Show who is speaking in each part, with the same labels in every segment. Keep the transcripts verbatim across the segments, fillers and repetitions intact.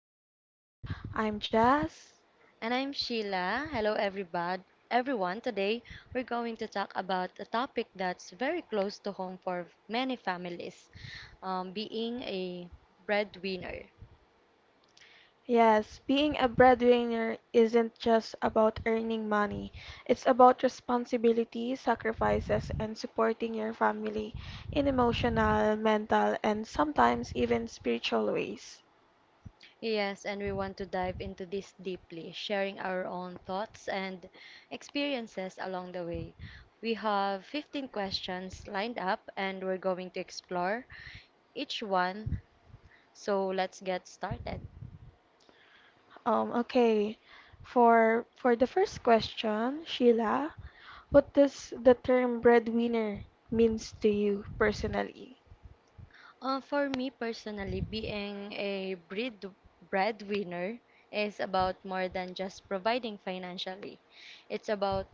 Speaker 1: episode. I'm Jazz.
Speaker 2: And I'm Sheila. Hello, everybody. Everyone, today we're going to talk about a topic that's very close to home for many families, um, being a breadwinner.
Speaker 1: Yes, being a breadwinner isn't just about earning money, it's about responsibility, sacrifices, and supporting your family in emotional, mental, and sometimes even spiritual ways.
Speaker 2: Yes, and we want to dive into this deeply, sharing our own thoughts and experiences along the way. We have fifteen questions lined up, and we're going to explore each one. So let's get started.
Speaker 1: Um, okay, for, for the first question, Sheila, what does the term breadwinner means to you personally?
Speaker 2: Uh, for me personally, being a bread breadwinner is about more than just providing financially. It's about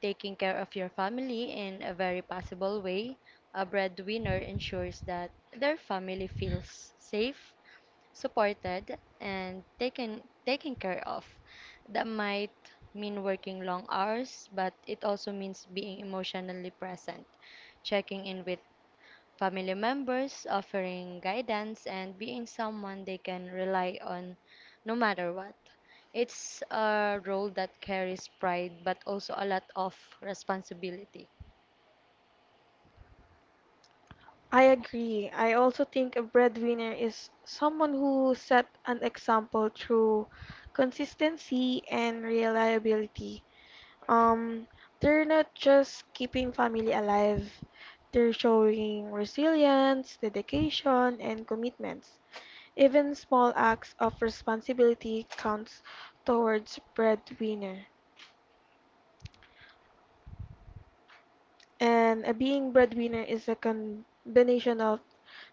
Speaker 2: taking care of your family in a very possible way. A breadwinner ensures that their family feels safe, supported, and taken taken care of. That might mean working long hours, but it also means being emotionally present, checking in with family members, offering guidance, and being someone they can rely on no matter what. It's a role that carries pride but also a lot of responsibility.
Speaker 1: I agree. I also think a breadwinner is someone who set an example through consistency and reliability. Um, they're not just keeping family alive, they're showing resilience, dedication, and commitments. Even small acts of responsibility counts towards breadwinner. And a being breadwinner is a combination of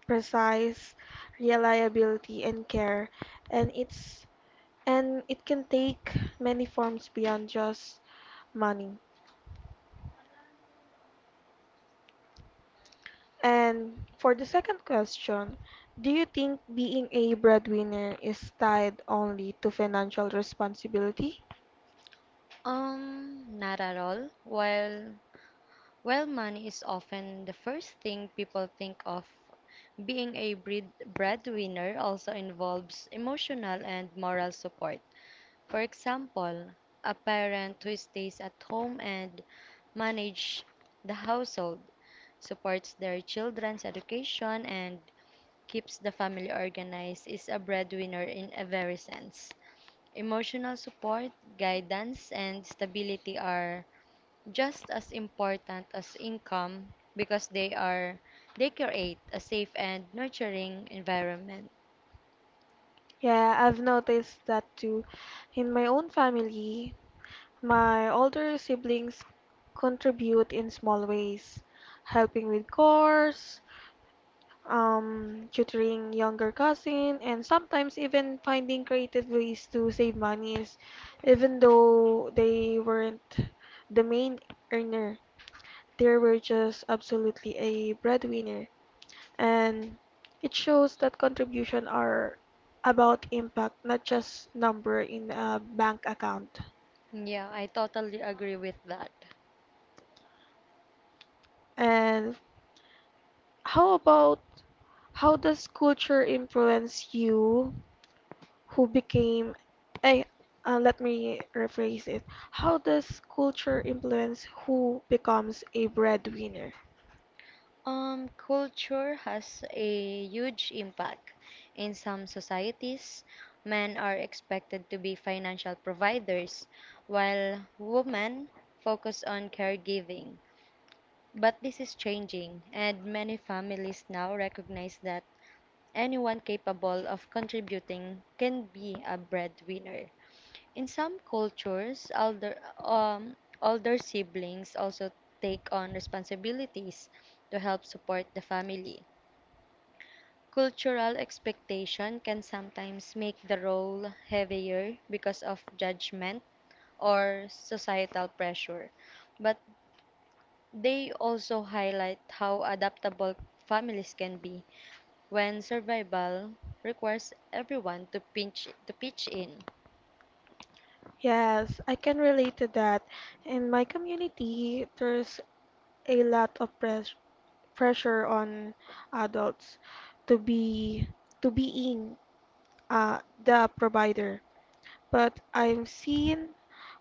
Speaker 1: precise reliability and care and it's and it can take many forms beyond just money. And for the second question, do you think being a breadwinner is tied only to financial responsibility?
Speaker 2: Um, not at all. While while money is often the first thing people think of, being a bread breadwinner also involves emotional and moral support. For example, a parent who stays at home and manages the household, supports their children's education, and keeps the family organized is a breadwinner in a very sense. Emotional support, guidance, and stability are just as important as income because they are they create a safe and nurturing environment.
Speaker 1: Yeah, I've noticed that too. In my own family, my older siblings contribute in small ways, helping with chores, um, tutoring younger cousin, and sometimes even finding creative ways to save monies. Even though they weren't the main earner, they were just absolutely a breadwinner. And it shows that contribution are about impact, not just number in a bank account.
Speaker 2: Yeah, I totally agree with that.
Speaker 1: And how about how does culture influence you who became eh, uh, let me rephrase it. How does culture influence who becomes a breadwinner?
Speaker 2: Um, culture has a huge impact. In some societies, men are expected to be financial providers, while women focus on caregiving. But this is changing, and many families now recognize that anyone capable of contributing can be a breadwinner. In some cultures, older um, older siblings also take on responsibilities to help support the family. Cultural expectation can sometimes make the role heavier because of judgment or societal pressure, but they also highlight how adaptable families can be when survival requires everyone to pinch to pitch in.
Speaker 1: Yes, I can relate to that. In my community there's a lot of press pressure on adults to be to being uh, the provider, but I've seen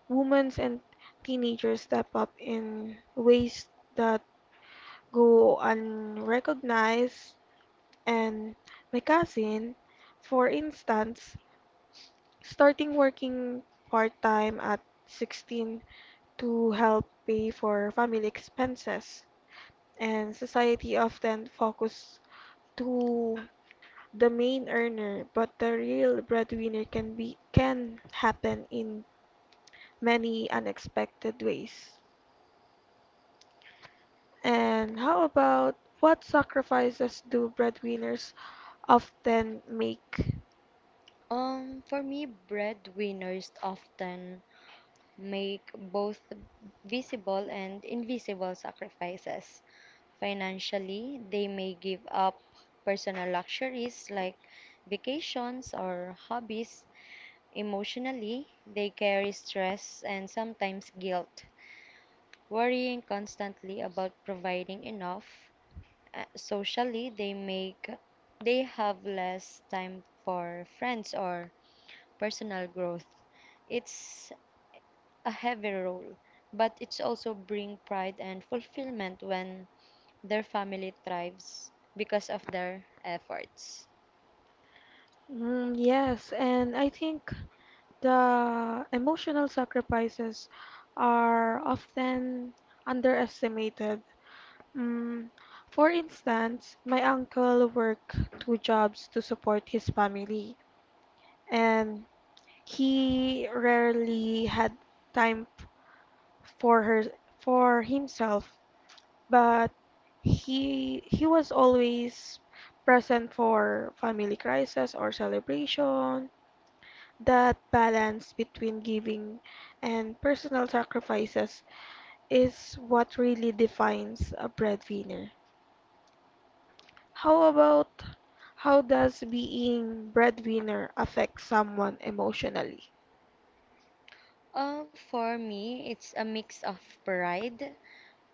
Speaker 1: women and teenagers step up in ways that go unrecognized. And my cousin, for instance, starting working part-time at sixteen to help pay for family expenses. And society often focus to the main earner, but the real breadwinner can be can happen in many unexpected ways. And how about what sacrifices do breadwinners often make?
Speaker 2: Um, for me, breadwinners often make both visible and invisible sacrifices. Financially, they may give up personal luxuries like vacations or hobbies. Emotionally, they carry stress and sometimes guilt, worrying constantly about providing enough. Uh, socially, they make they have less time for friends or personal growth. It's a heavy role, but it's also bring pride and fulfillment when their family thrives because of their efforts.
Speaker 1: Mm, yes, and I think the emotional sacrifices are often underestimated. Mm, for instance, my uncle worked two jobs to support his family, and he rarely had time f- for her for himself, but he he was always present for family crisis or celebration. That balance between giving and personal sacrifices is what really defines a breadwinner. How about how does being breadwinner affect someone emotionally?
Speaker 2: Uh, for me, it's a mix of pride,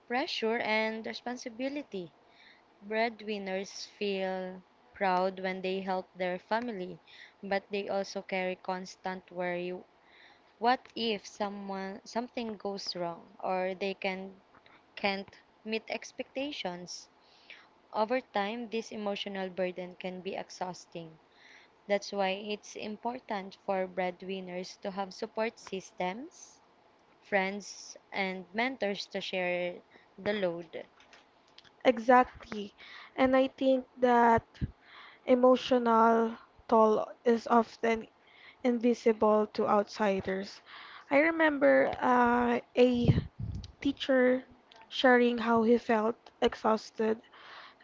Speaker 2: pressure, and responsibility. Breadwinners feel proud when they help their family, but they also carry constant worry. What if someone something goes wrong, or they can can't meet expectations? Over time, this emotional burden can be exhausting. That's why it's important for breadwinners to have support systems, friends, and mentors to share the load.
Speaker 1: Exactly. And I think that emotional toll is often invisible to outsiders. I remember uh, a teacher sharing how he felt exhausted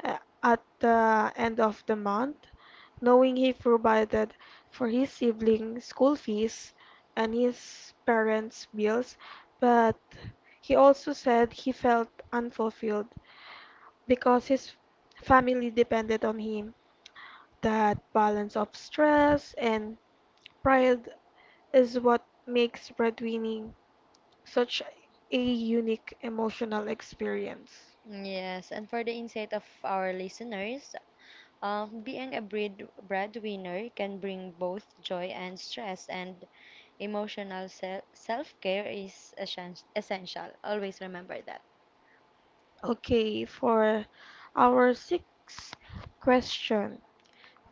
Speaker 1: uh, at the end of the month, knowing he provided for his siblings' school fees and his parents' bills, but he also said he felt unfulfilled because his family depended on him. That balance of stress and pride is what makes breadwinning such a unique emotional experience.
Speaker 2: Yes, and for the insight of our listeners, Um, being a bread breadwinner can bring both joy and stress, and emotional se- self-care is essen- essential. Always remember that.
Speaker 1: Okay, for our sixth question,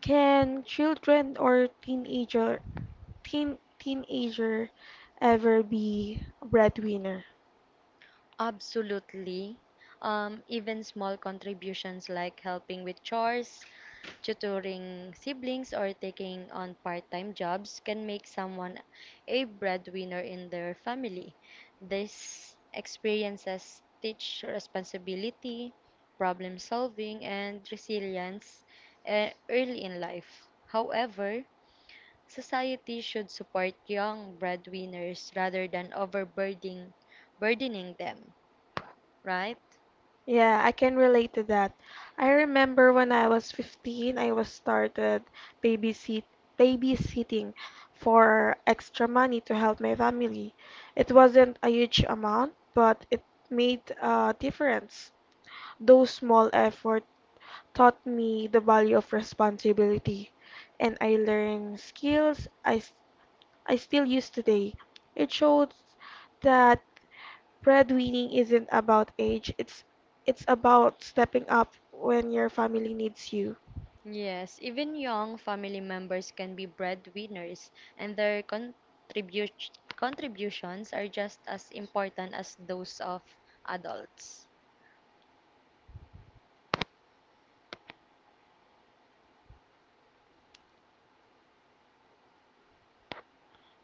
Speaker 1: can children or teenager teen teenager ever be a breadwinner?
Speaker 2: Absolutely. Um, even small contributions like helping with chores, tutoring siblings, or taking on part time jobs can make someone a breadwinner in their family. These experiences teach responsibility, problem solving, and resilience, uh, early in life. However, society should support young breadwinners rather than overburdening burdening them, right?
Speaker 1: Yeah, I can relate to that. I remember when I was fifteen, I was started babysit babysitting for extra money to help my family. It wasn't a huge amount, but it made a difference. Those small effort taught me the value of responsibility and I learned skills I, s- I still use today. It shows that breadwinning isn't about age, it's it's about stepping up when your family needs you.
Speaker 2: Yes, even young family members can be breadwinners, and their contribu contributions are just as important as those of adults.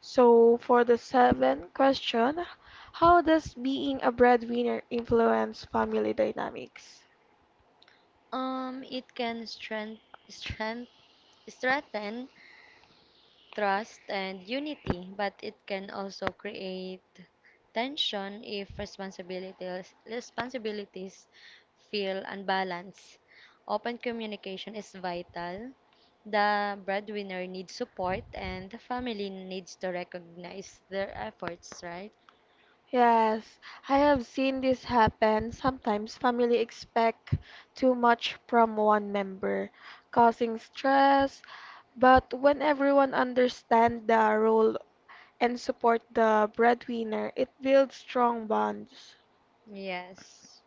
Speaker 1: So for the seventh question, how does being a breadwinner influence family dynamics?
Speaker 2: Um, it can strength, strength, strengthen trust, and unity, but it can also create tension if responsibilities, responsibilities feel unbalanced. Open communication is vital. The breadwinner needs support, and the family needs to recognize their efforts, right?
Speaker 1: Yes, I have seen this happen. Sometimes family expect too much from one member, causing stress. But when everyone understands the role and support the breadwinner, it builds strong bonds.
Speaker 2: Yes.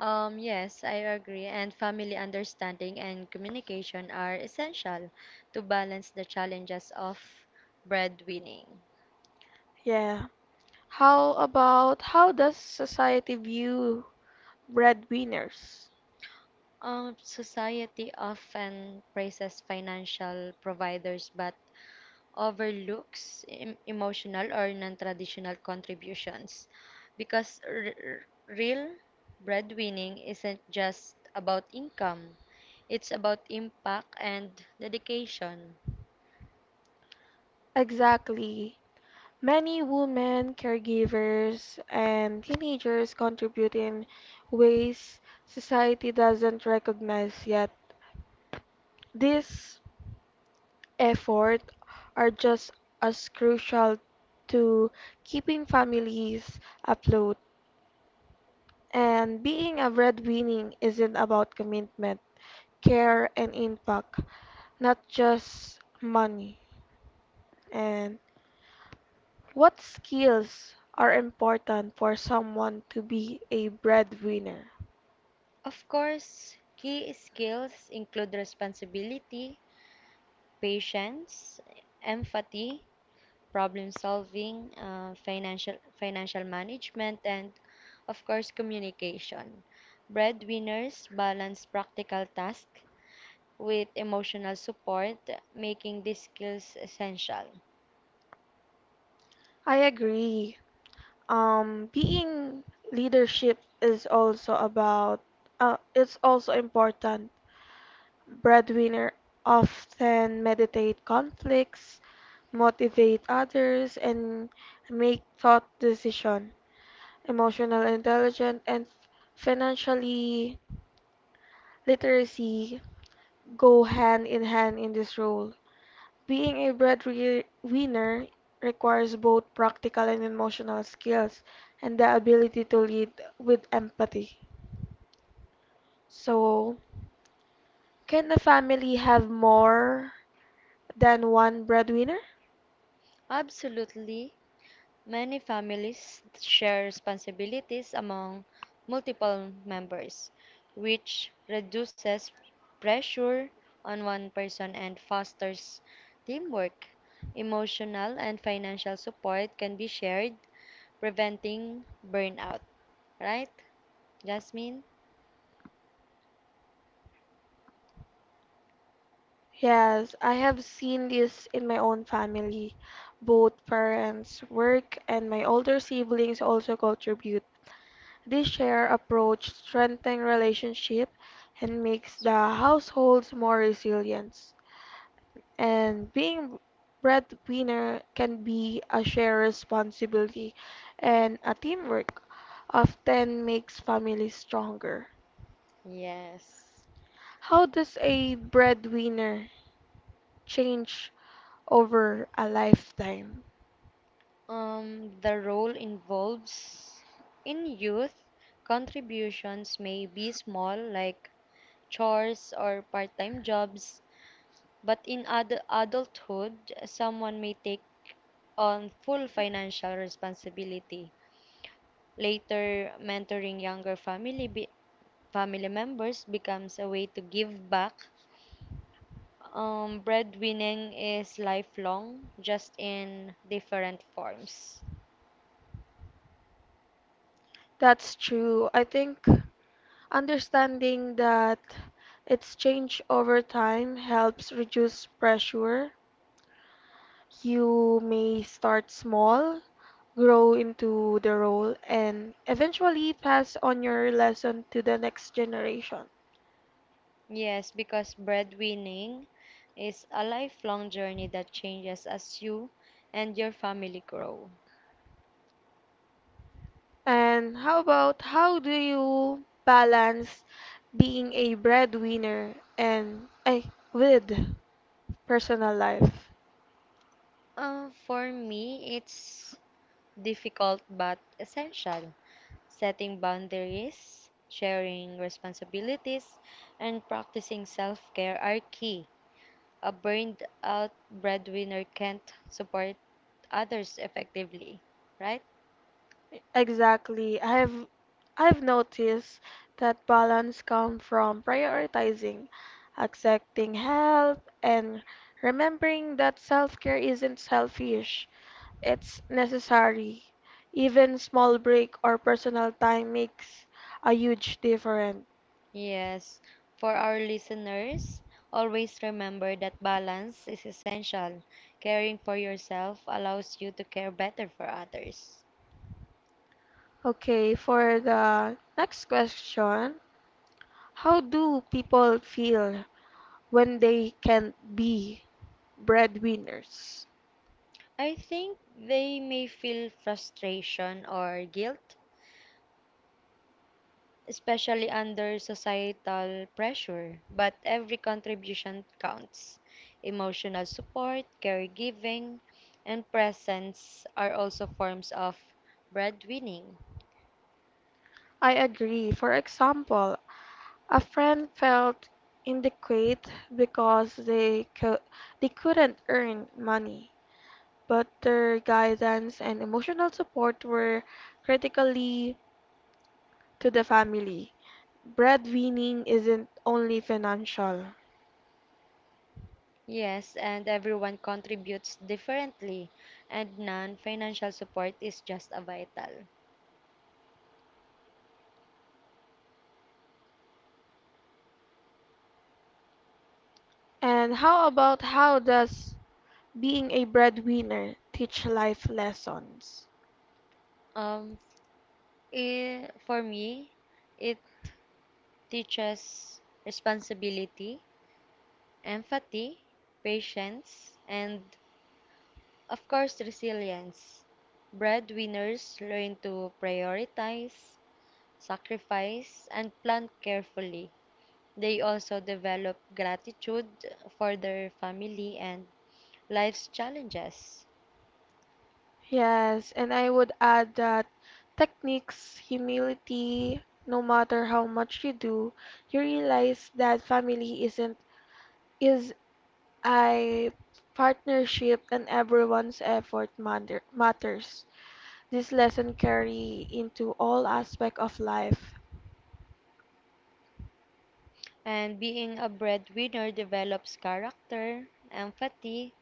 Speaker 2: Um, yes, I agree. And family understanding and communication are essential to balance the challenges of breadwinning.
Speaker 1: Yeah. How about how does society view breadwinners?
Speaker 2: Um, society often praises financial providers but overlooks em- emotional or non-traditional contributions because r- r- real breadwinning isn't just about income, it's about impact and dedication.
Speaker 1: Exactly. Many women, caregivers, and teenagers contribute in ways society doesn't recognize yet. These efforts are just as crucial to keeping families afloat. And being a breadwinner isn't about commitment, care, and impact, not just money. And what skills are important for someone to be a breadwinner?
Speaker 2: Of course, key skills include responsibility, patience, empathy, problem solving, uh, financial financial management, and of course communication. Breadwinners balance practical tasks with emotional support, making these skills essential.
Speaker 1: I agree. Um, being leadership is also about, uh, it's also important. Breadwinner often meditate conflicts, motivate others, and make thought decision. Emotional intelligence and financially literacy go hand in hand in this role. Being a breadwinner requires both practical and emotional skills and the ability to lead with empathy. So, can a family have more than one breadwinner?
Speaker 2: Absolutely. Many families share responsibilities among multiple members, which reduces pressure on one person and fosters teamwork. Emotional and financial support can be shared, preventing burnout. Right, Jasmine?
Speaker 1: Yes, I have seen this in my own family. Both parents work and my older siblings also contribute. This shared approach strengthens relationship and makes the households more resilient. And being breadwinner can be a shared responsibility and a teamwork often makes families stronger.
Speaker 2: Yes.
Speaker 1: How does a breadwinner change over a lifetime?
Speaker 2: Um, the role involves in youth contributions may be small, like chores or part time jobs. But in ad- adulthood, someone may take on full financial responsibility. Later, mentoring younger family be- family members becomes a way to give back. Um, breadwinning is lifelong, just in different forms.
Speaker 1: That's true. I think understanding that it's changed over time helps reduce pressure. You may start small, grow into the role, and eventually pass on your lesson to the next generation.
Speaker 2: Yes, because breadwinning is a lifelong journey that changes as you and your family grow.
Speaker 1: And how about how do you balance being a breadwinner and eh, with personal life?
Speaker 2: Uh, for me, it's difficult but essential. Setting boundaries, sharing responsibilities, and practicing self care are key. A burned out breadwinner can't support others effectively, right?
Speaker 1: Exactly. I've I've noticed that balance comes from prioritizing, accepting help, and remembering that self-care isn't selfish. It's necessary. Even small break or personal time makes a huge difference.
Speaker 2: Yes. For our listeners, always remember that balance is essential. Caring for yourself allows you to care better for others.
Speaker 1: Okay, for the next question, how do people feel when they can't be breadwinners?
Speaker 2: I think they may feel frustration or guilt, especially under societal pressure, but every contribution counts. Emotional support, caregiving, and presence are also forms of breadwinning.
Speaker 1: I agree. For example, a friend felt inadequate because they co- they couldn't earn money, but their guidance and emotional support were critically to the family. Breadwinning isn't only financial.
Speaker 2: Yes, and everyone contributes differently, and non financial support is just a vital.
Speaker 1: And how about how does being a breadwinner teach life lessons?
Speaker 2: Um, I For me, it teaches responsibility, empathy, patience, and of course, resilience. Breadwinners learn to prioritize, sacrifice, and plan carefully. They also develop gratitude for their family and life's challenges.
Speaker 1: Yes, and I would add that techniques, humility, no matter how much you do, you realize that family isn't is a partnership and everyone's effort matter, matters. This lesson carry into all aspect of life.
Speaker 2: And being a breadwinner develops character, empathy,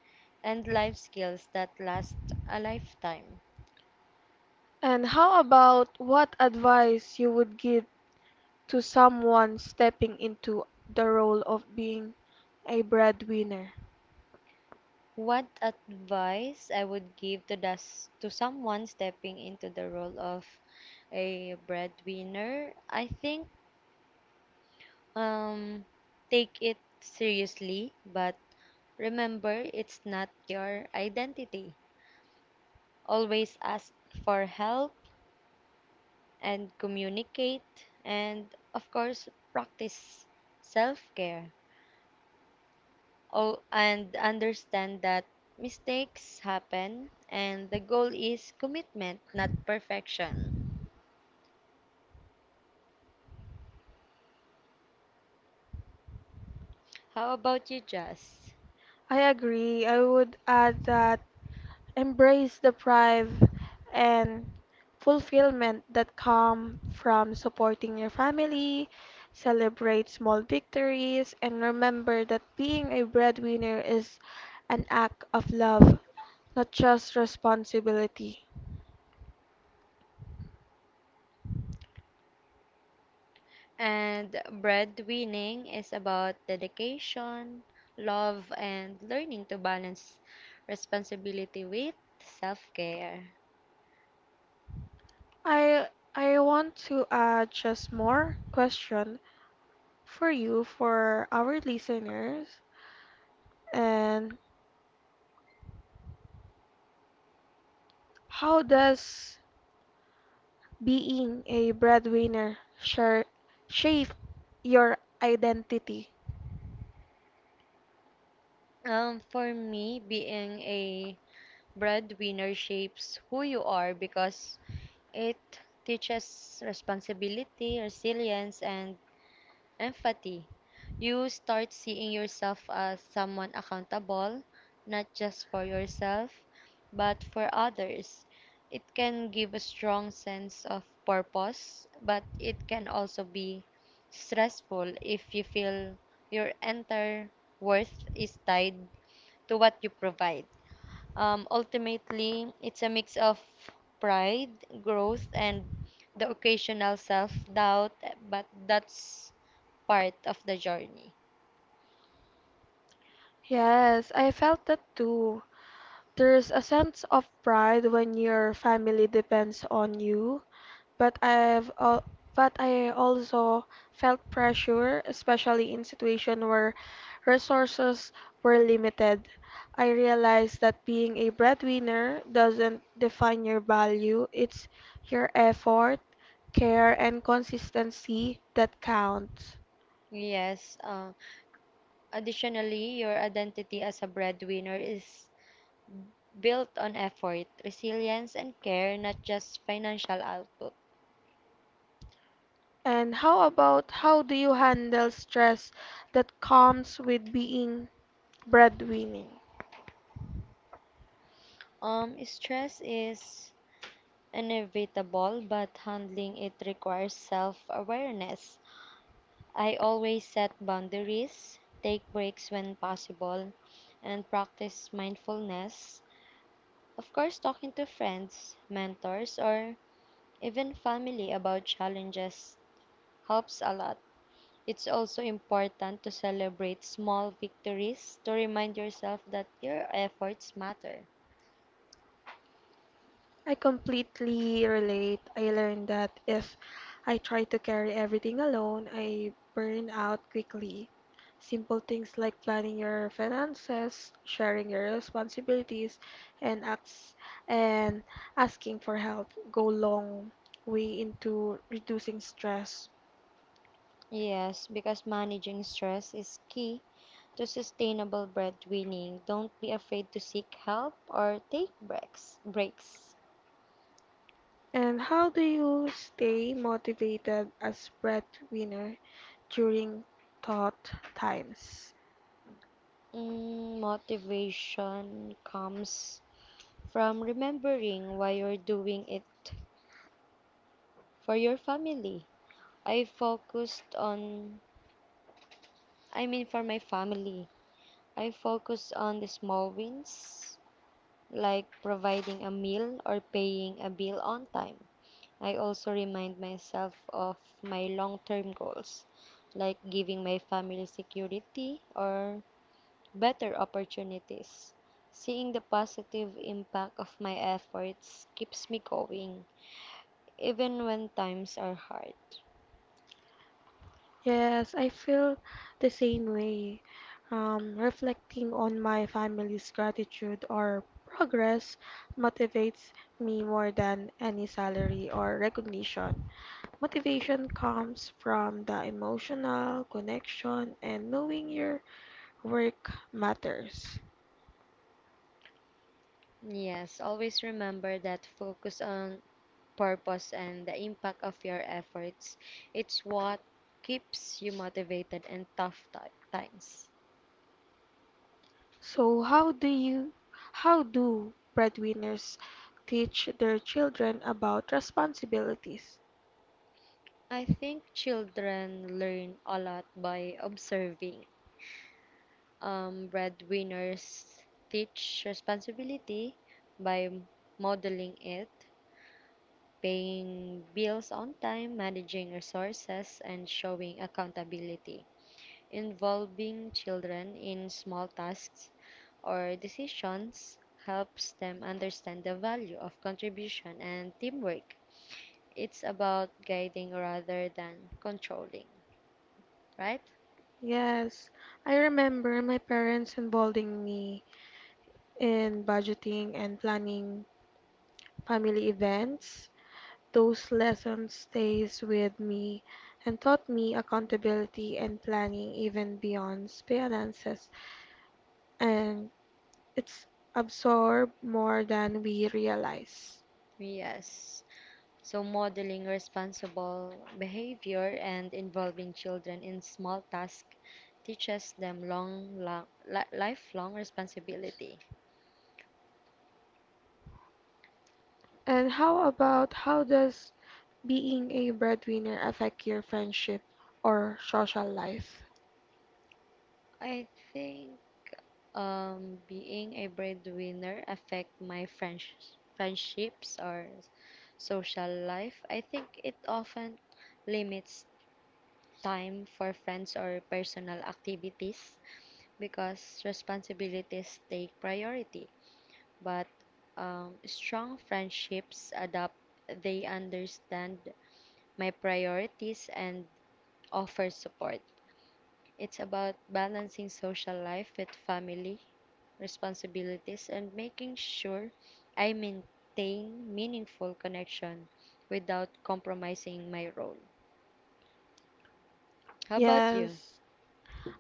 Speaker 2: and life skills that last a lifetime.
Speaker 1: And how about what advice you would give to someone stepping into the role of being a breadwinner?
Speaker 2: What advice I would give to das to someone stepping into the role of a breadwinner? I think um take it seriously, but remember it's not your identity. Always ask for help and communicate, and of course practice self-care. Oh, and understand that mistakes happen and the goal is commitment, not perfection. How about you, Jess?
Speaker 1: I agree. I would add that embrace the pride and fulfillment that come from supporting your family, celebrate small victories, and remember that being a breadwinner is an act of love, not just responsibility.
Speaker 2: And breadwinning is about dedication, love, and learning to balance responsibility with self care.
Speaker 1: I I want to add just more question for you for our listeners and how does being a breadwinner sure shaped your identity.
Speaker 2: Um, for me, being a breadwinner shapes who you are because it teaches responsibility, resilience, and empathy. You start seeing yourself as someone accountable, not just for yourself, but for others. It can give a strong sense of purpose, but it can also be stressful if you feel your entire worth is tied to what you provide. Um, ultimately, it's a mix of pride, growth, and the occasional self doubt, but that's part of the journey.
Speaker 1: Yes, I felt that too. There's a sense of pride when your family depends on you, but I've al- but I also felt pressure, especially in situations where resources were limited. I realized that being a breadwinner doesn't define your value, it's your effort, care, and consistency that counts.
Speaker 2: Yes. Uh, additionally, your identity as a breadwinner is built on effort, resilience, and care, not just financial output.
Speaker 1: And how about how do you handle stress that comes with being breadwinning?
Speaker 2: Um, stress is inevitable, but handling it requires self awareness. I always set boundaries, take breaks when possible, and practice mindfulness. Of course, talking to friends, mentors, or even family about challenges helps a lot. It's also important to celebrate small victories to remind yourself that your efforts matter.
Speaker 1: I completely relate. I learned that if I try to carry everything alone, I burn out quickly. Simple things like planning your finances, sharing your responsibilities, and acts and asking for help go long way into reducing stress.
Speaker 2: Yes, because managing stress is key to sustainable breadwinning. Don't be afraid to seek help or take breaks. Breaks.
Speaker 1: And how do you stay motivated as breadwinner during thought times?
Speaker 2: Mm, motivation comes from remembering why you're doing it for your family. I focused on, I mean, for my family. I focused on the small wins, like providing a meal or paying a bill on time. I also remind myself of my long term goals, like giving my family security or better opportunities. Seeing the positive impact of my efforts keeps me going, even when times are hard.
Speaker 1: Yes, I feel the same way. Um, reflecting on my family's gratitude or progress motivates me more than any salary or recognition. Motivation comes from the emotional connection and knowing your work matters.
Speaker 2: Yes, always remember that focus on purpose and the impact of your efforts. It's what keeps you motivated in tough ti- times.
Speaker 1: So how do you how do breadwinners teach their children about responsibilities?
Speaker 2: I think children learn a lot by observing. Um, breadwinners teach responsibility by modeling it: paying bills on time, managing resources, and showing accountability. Involving children in small tasks or decisions helps them understand the value of contribution and teamwork. It's about guiding rather than controlling, right?
Speaker 1: Yes, I remember my parents involving me in budgeting and planning family events. Those lessons stays with me and taught me accountability and planning even beyond finances and it's absorbed more than we realize.
Speaker 2: Yes. So, modeling responsible behavior and involving children in small tasks teaches them long, long li- lifelong responsibility.
Speaker 1: And how about how does being a breadwinner affect your friendship or social life?
Speaker 2: I think um, being a breadwinner affect my friends, friendships or social life. I think it often limits time for friends or personal activities because responsibilities take priority. but um, strong friendships adapt. They understand my priorities and offer support. It's about balancing social life with family responsibilities and making sure I maintain meaningful connection without compromising my role. How about you?
Speaker 1: Yes,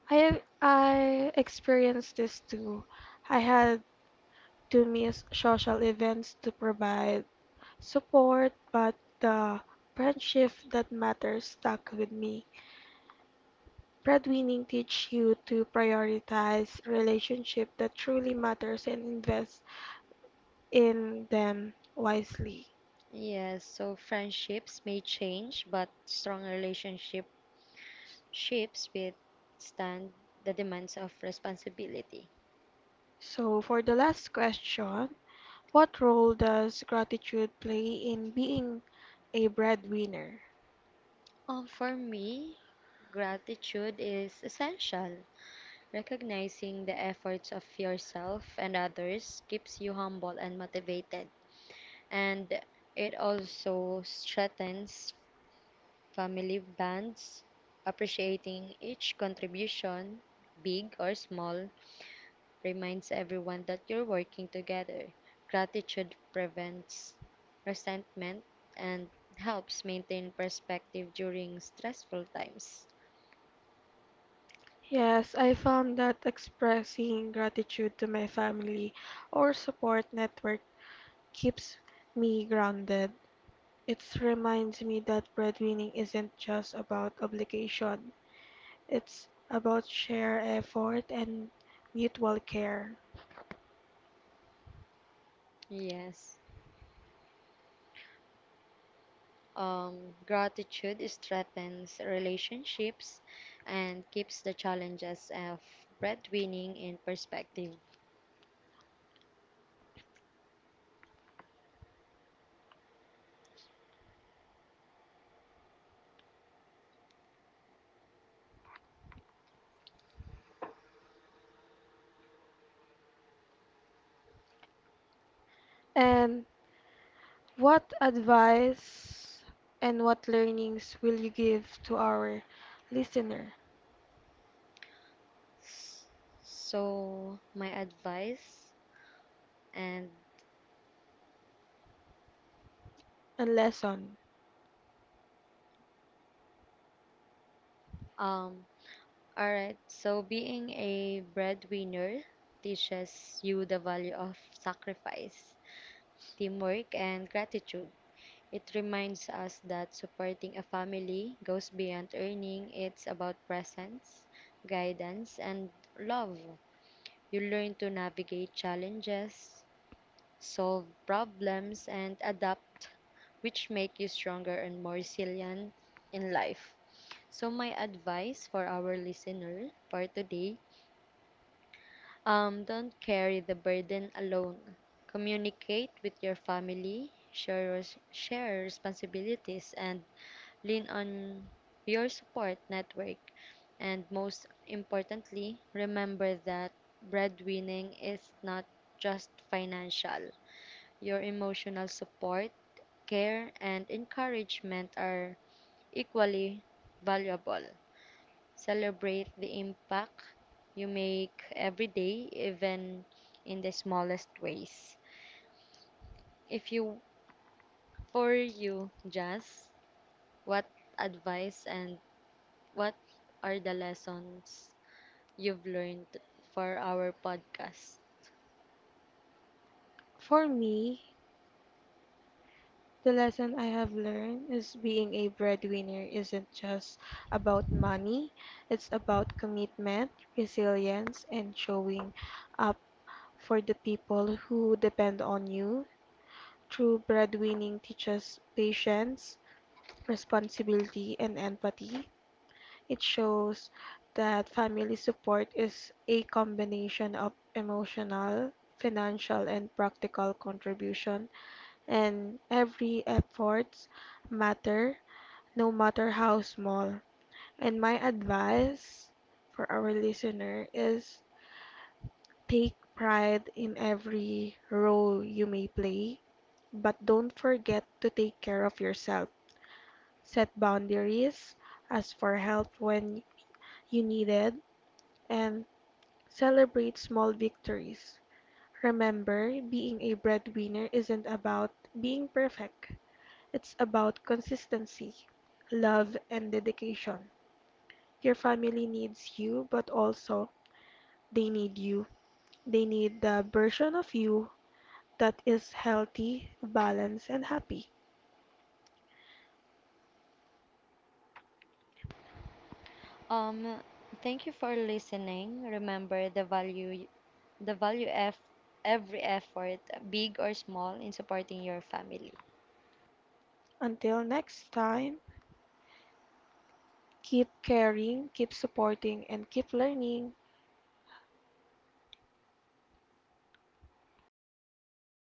Speaker 1: I I experienced this too. I had to miss social events to provide support, but the friendship that matters stuck with me. Breadwinning teach you to prioritize relationship that truly matters and invest in them wisely.
Speaker 2: Yes, so friendships may change, but strong relationship ships withstand the demands of responsibility.
Speaker 1: So for the last question, what role does gratitude play in being a breadwinner?
Speaker 2: Oh, for me, gratitude is essential. Recognizing the efforts of yourself and others keeps you humble and motivated, and it also strengthens family bonds. Appreciating each contribution, big or small, reminds everyone that you're working together. Gratitude prevents resentment and helps maintain perspective during stressful times.
Speaker 1: Yes, I found that expressing gratitude to my family or support network keeps me grounded. It reminds me that breadwinning isn't just about obligation, it's about shared effort and mutual care.
Speaker 2: Yes. Um, gratitude strengthens relationships and keeps the challenges of breadwinning in perspective.
Speaker 1: And what advice and what learnings will you give to our listener
Speaker 2: So, my advice and
Speaker 1: and lesson?
Speaker 2: um, all right. So, being a breadwinner teaches you the value of sacrifice, teamwork, and gratitude. It reminds us that supporting a family goes beyond earning, it's about presence, guidance, and love. You learn to navigate challenges, solve problems, and adapt, which make you stronger and more resilient in life. So my advice for our listener for today, um, don't carry the burden alone. Communicate with your family, share res- share responsibilities, and lean on your support network, and most importantly, remember that breadwinning is not just financial. Your emotional support, care, and encouragement are equally valuable. Celebrate the impact you make every day, even in the smallest ways. If you, For you, Jazz, what advice and what are the lessons you've learned for our podcast?
Speaker 1: For me, the lesson I have learned is being a breadwinner isn't just about money, it's about commitment, resilience, and showing up for the people who depend on you. True breadwinning teaches patience, responsibility, and empathy. It shows that family support is a combination of emotional, financial, and practical contribution and every effort matter, no matter how small. And my advice for our listener is take pride in every role you may play, but don't forget to take care of yourself. Set boundaries, ask for help when you need it, and celebrate small victories. Remember, being a breadwinner isn't about being perfect. It's about consistency, love, and dedication. Your family needs you, but also they need you. They need the version of you that is healthy, balanced, and happy.
Speaker 2: Um, Thank you for listening. Remember the value, the value of every effort, big or small, in supporting your family.
Speaker 1: Until next time, keep caring, keep supporting, and keep learning.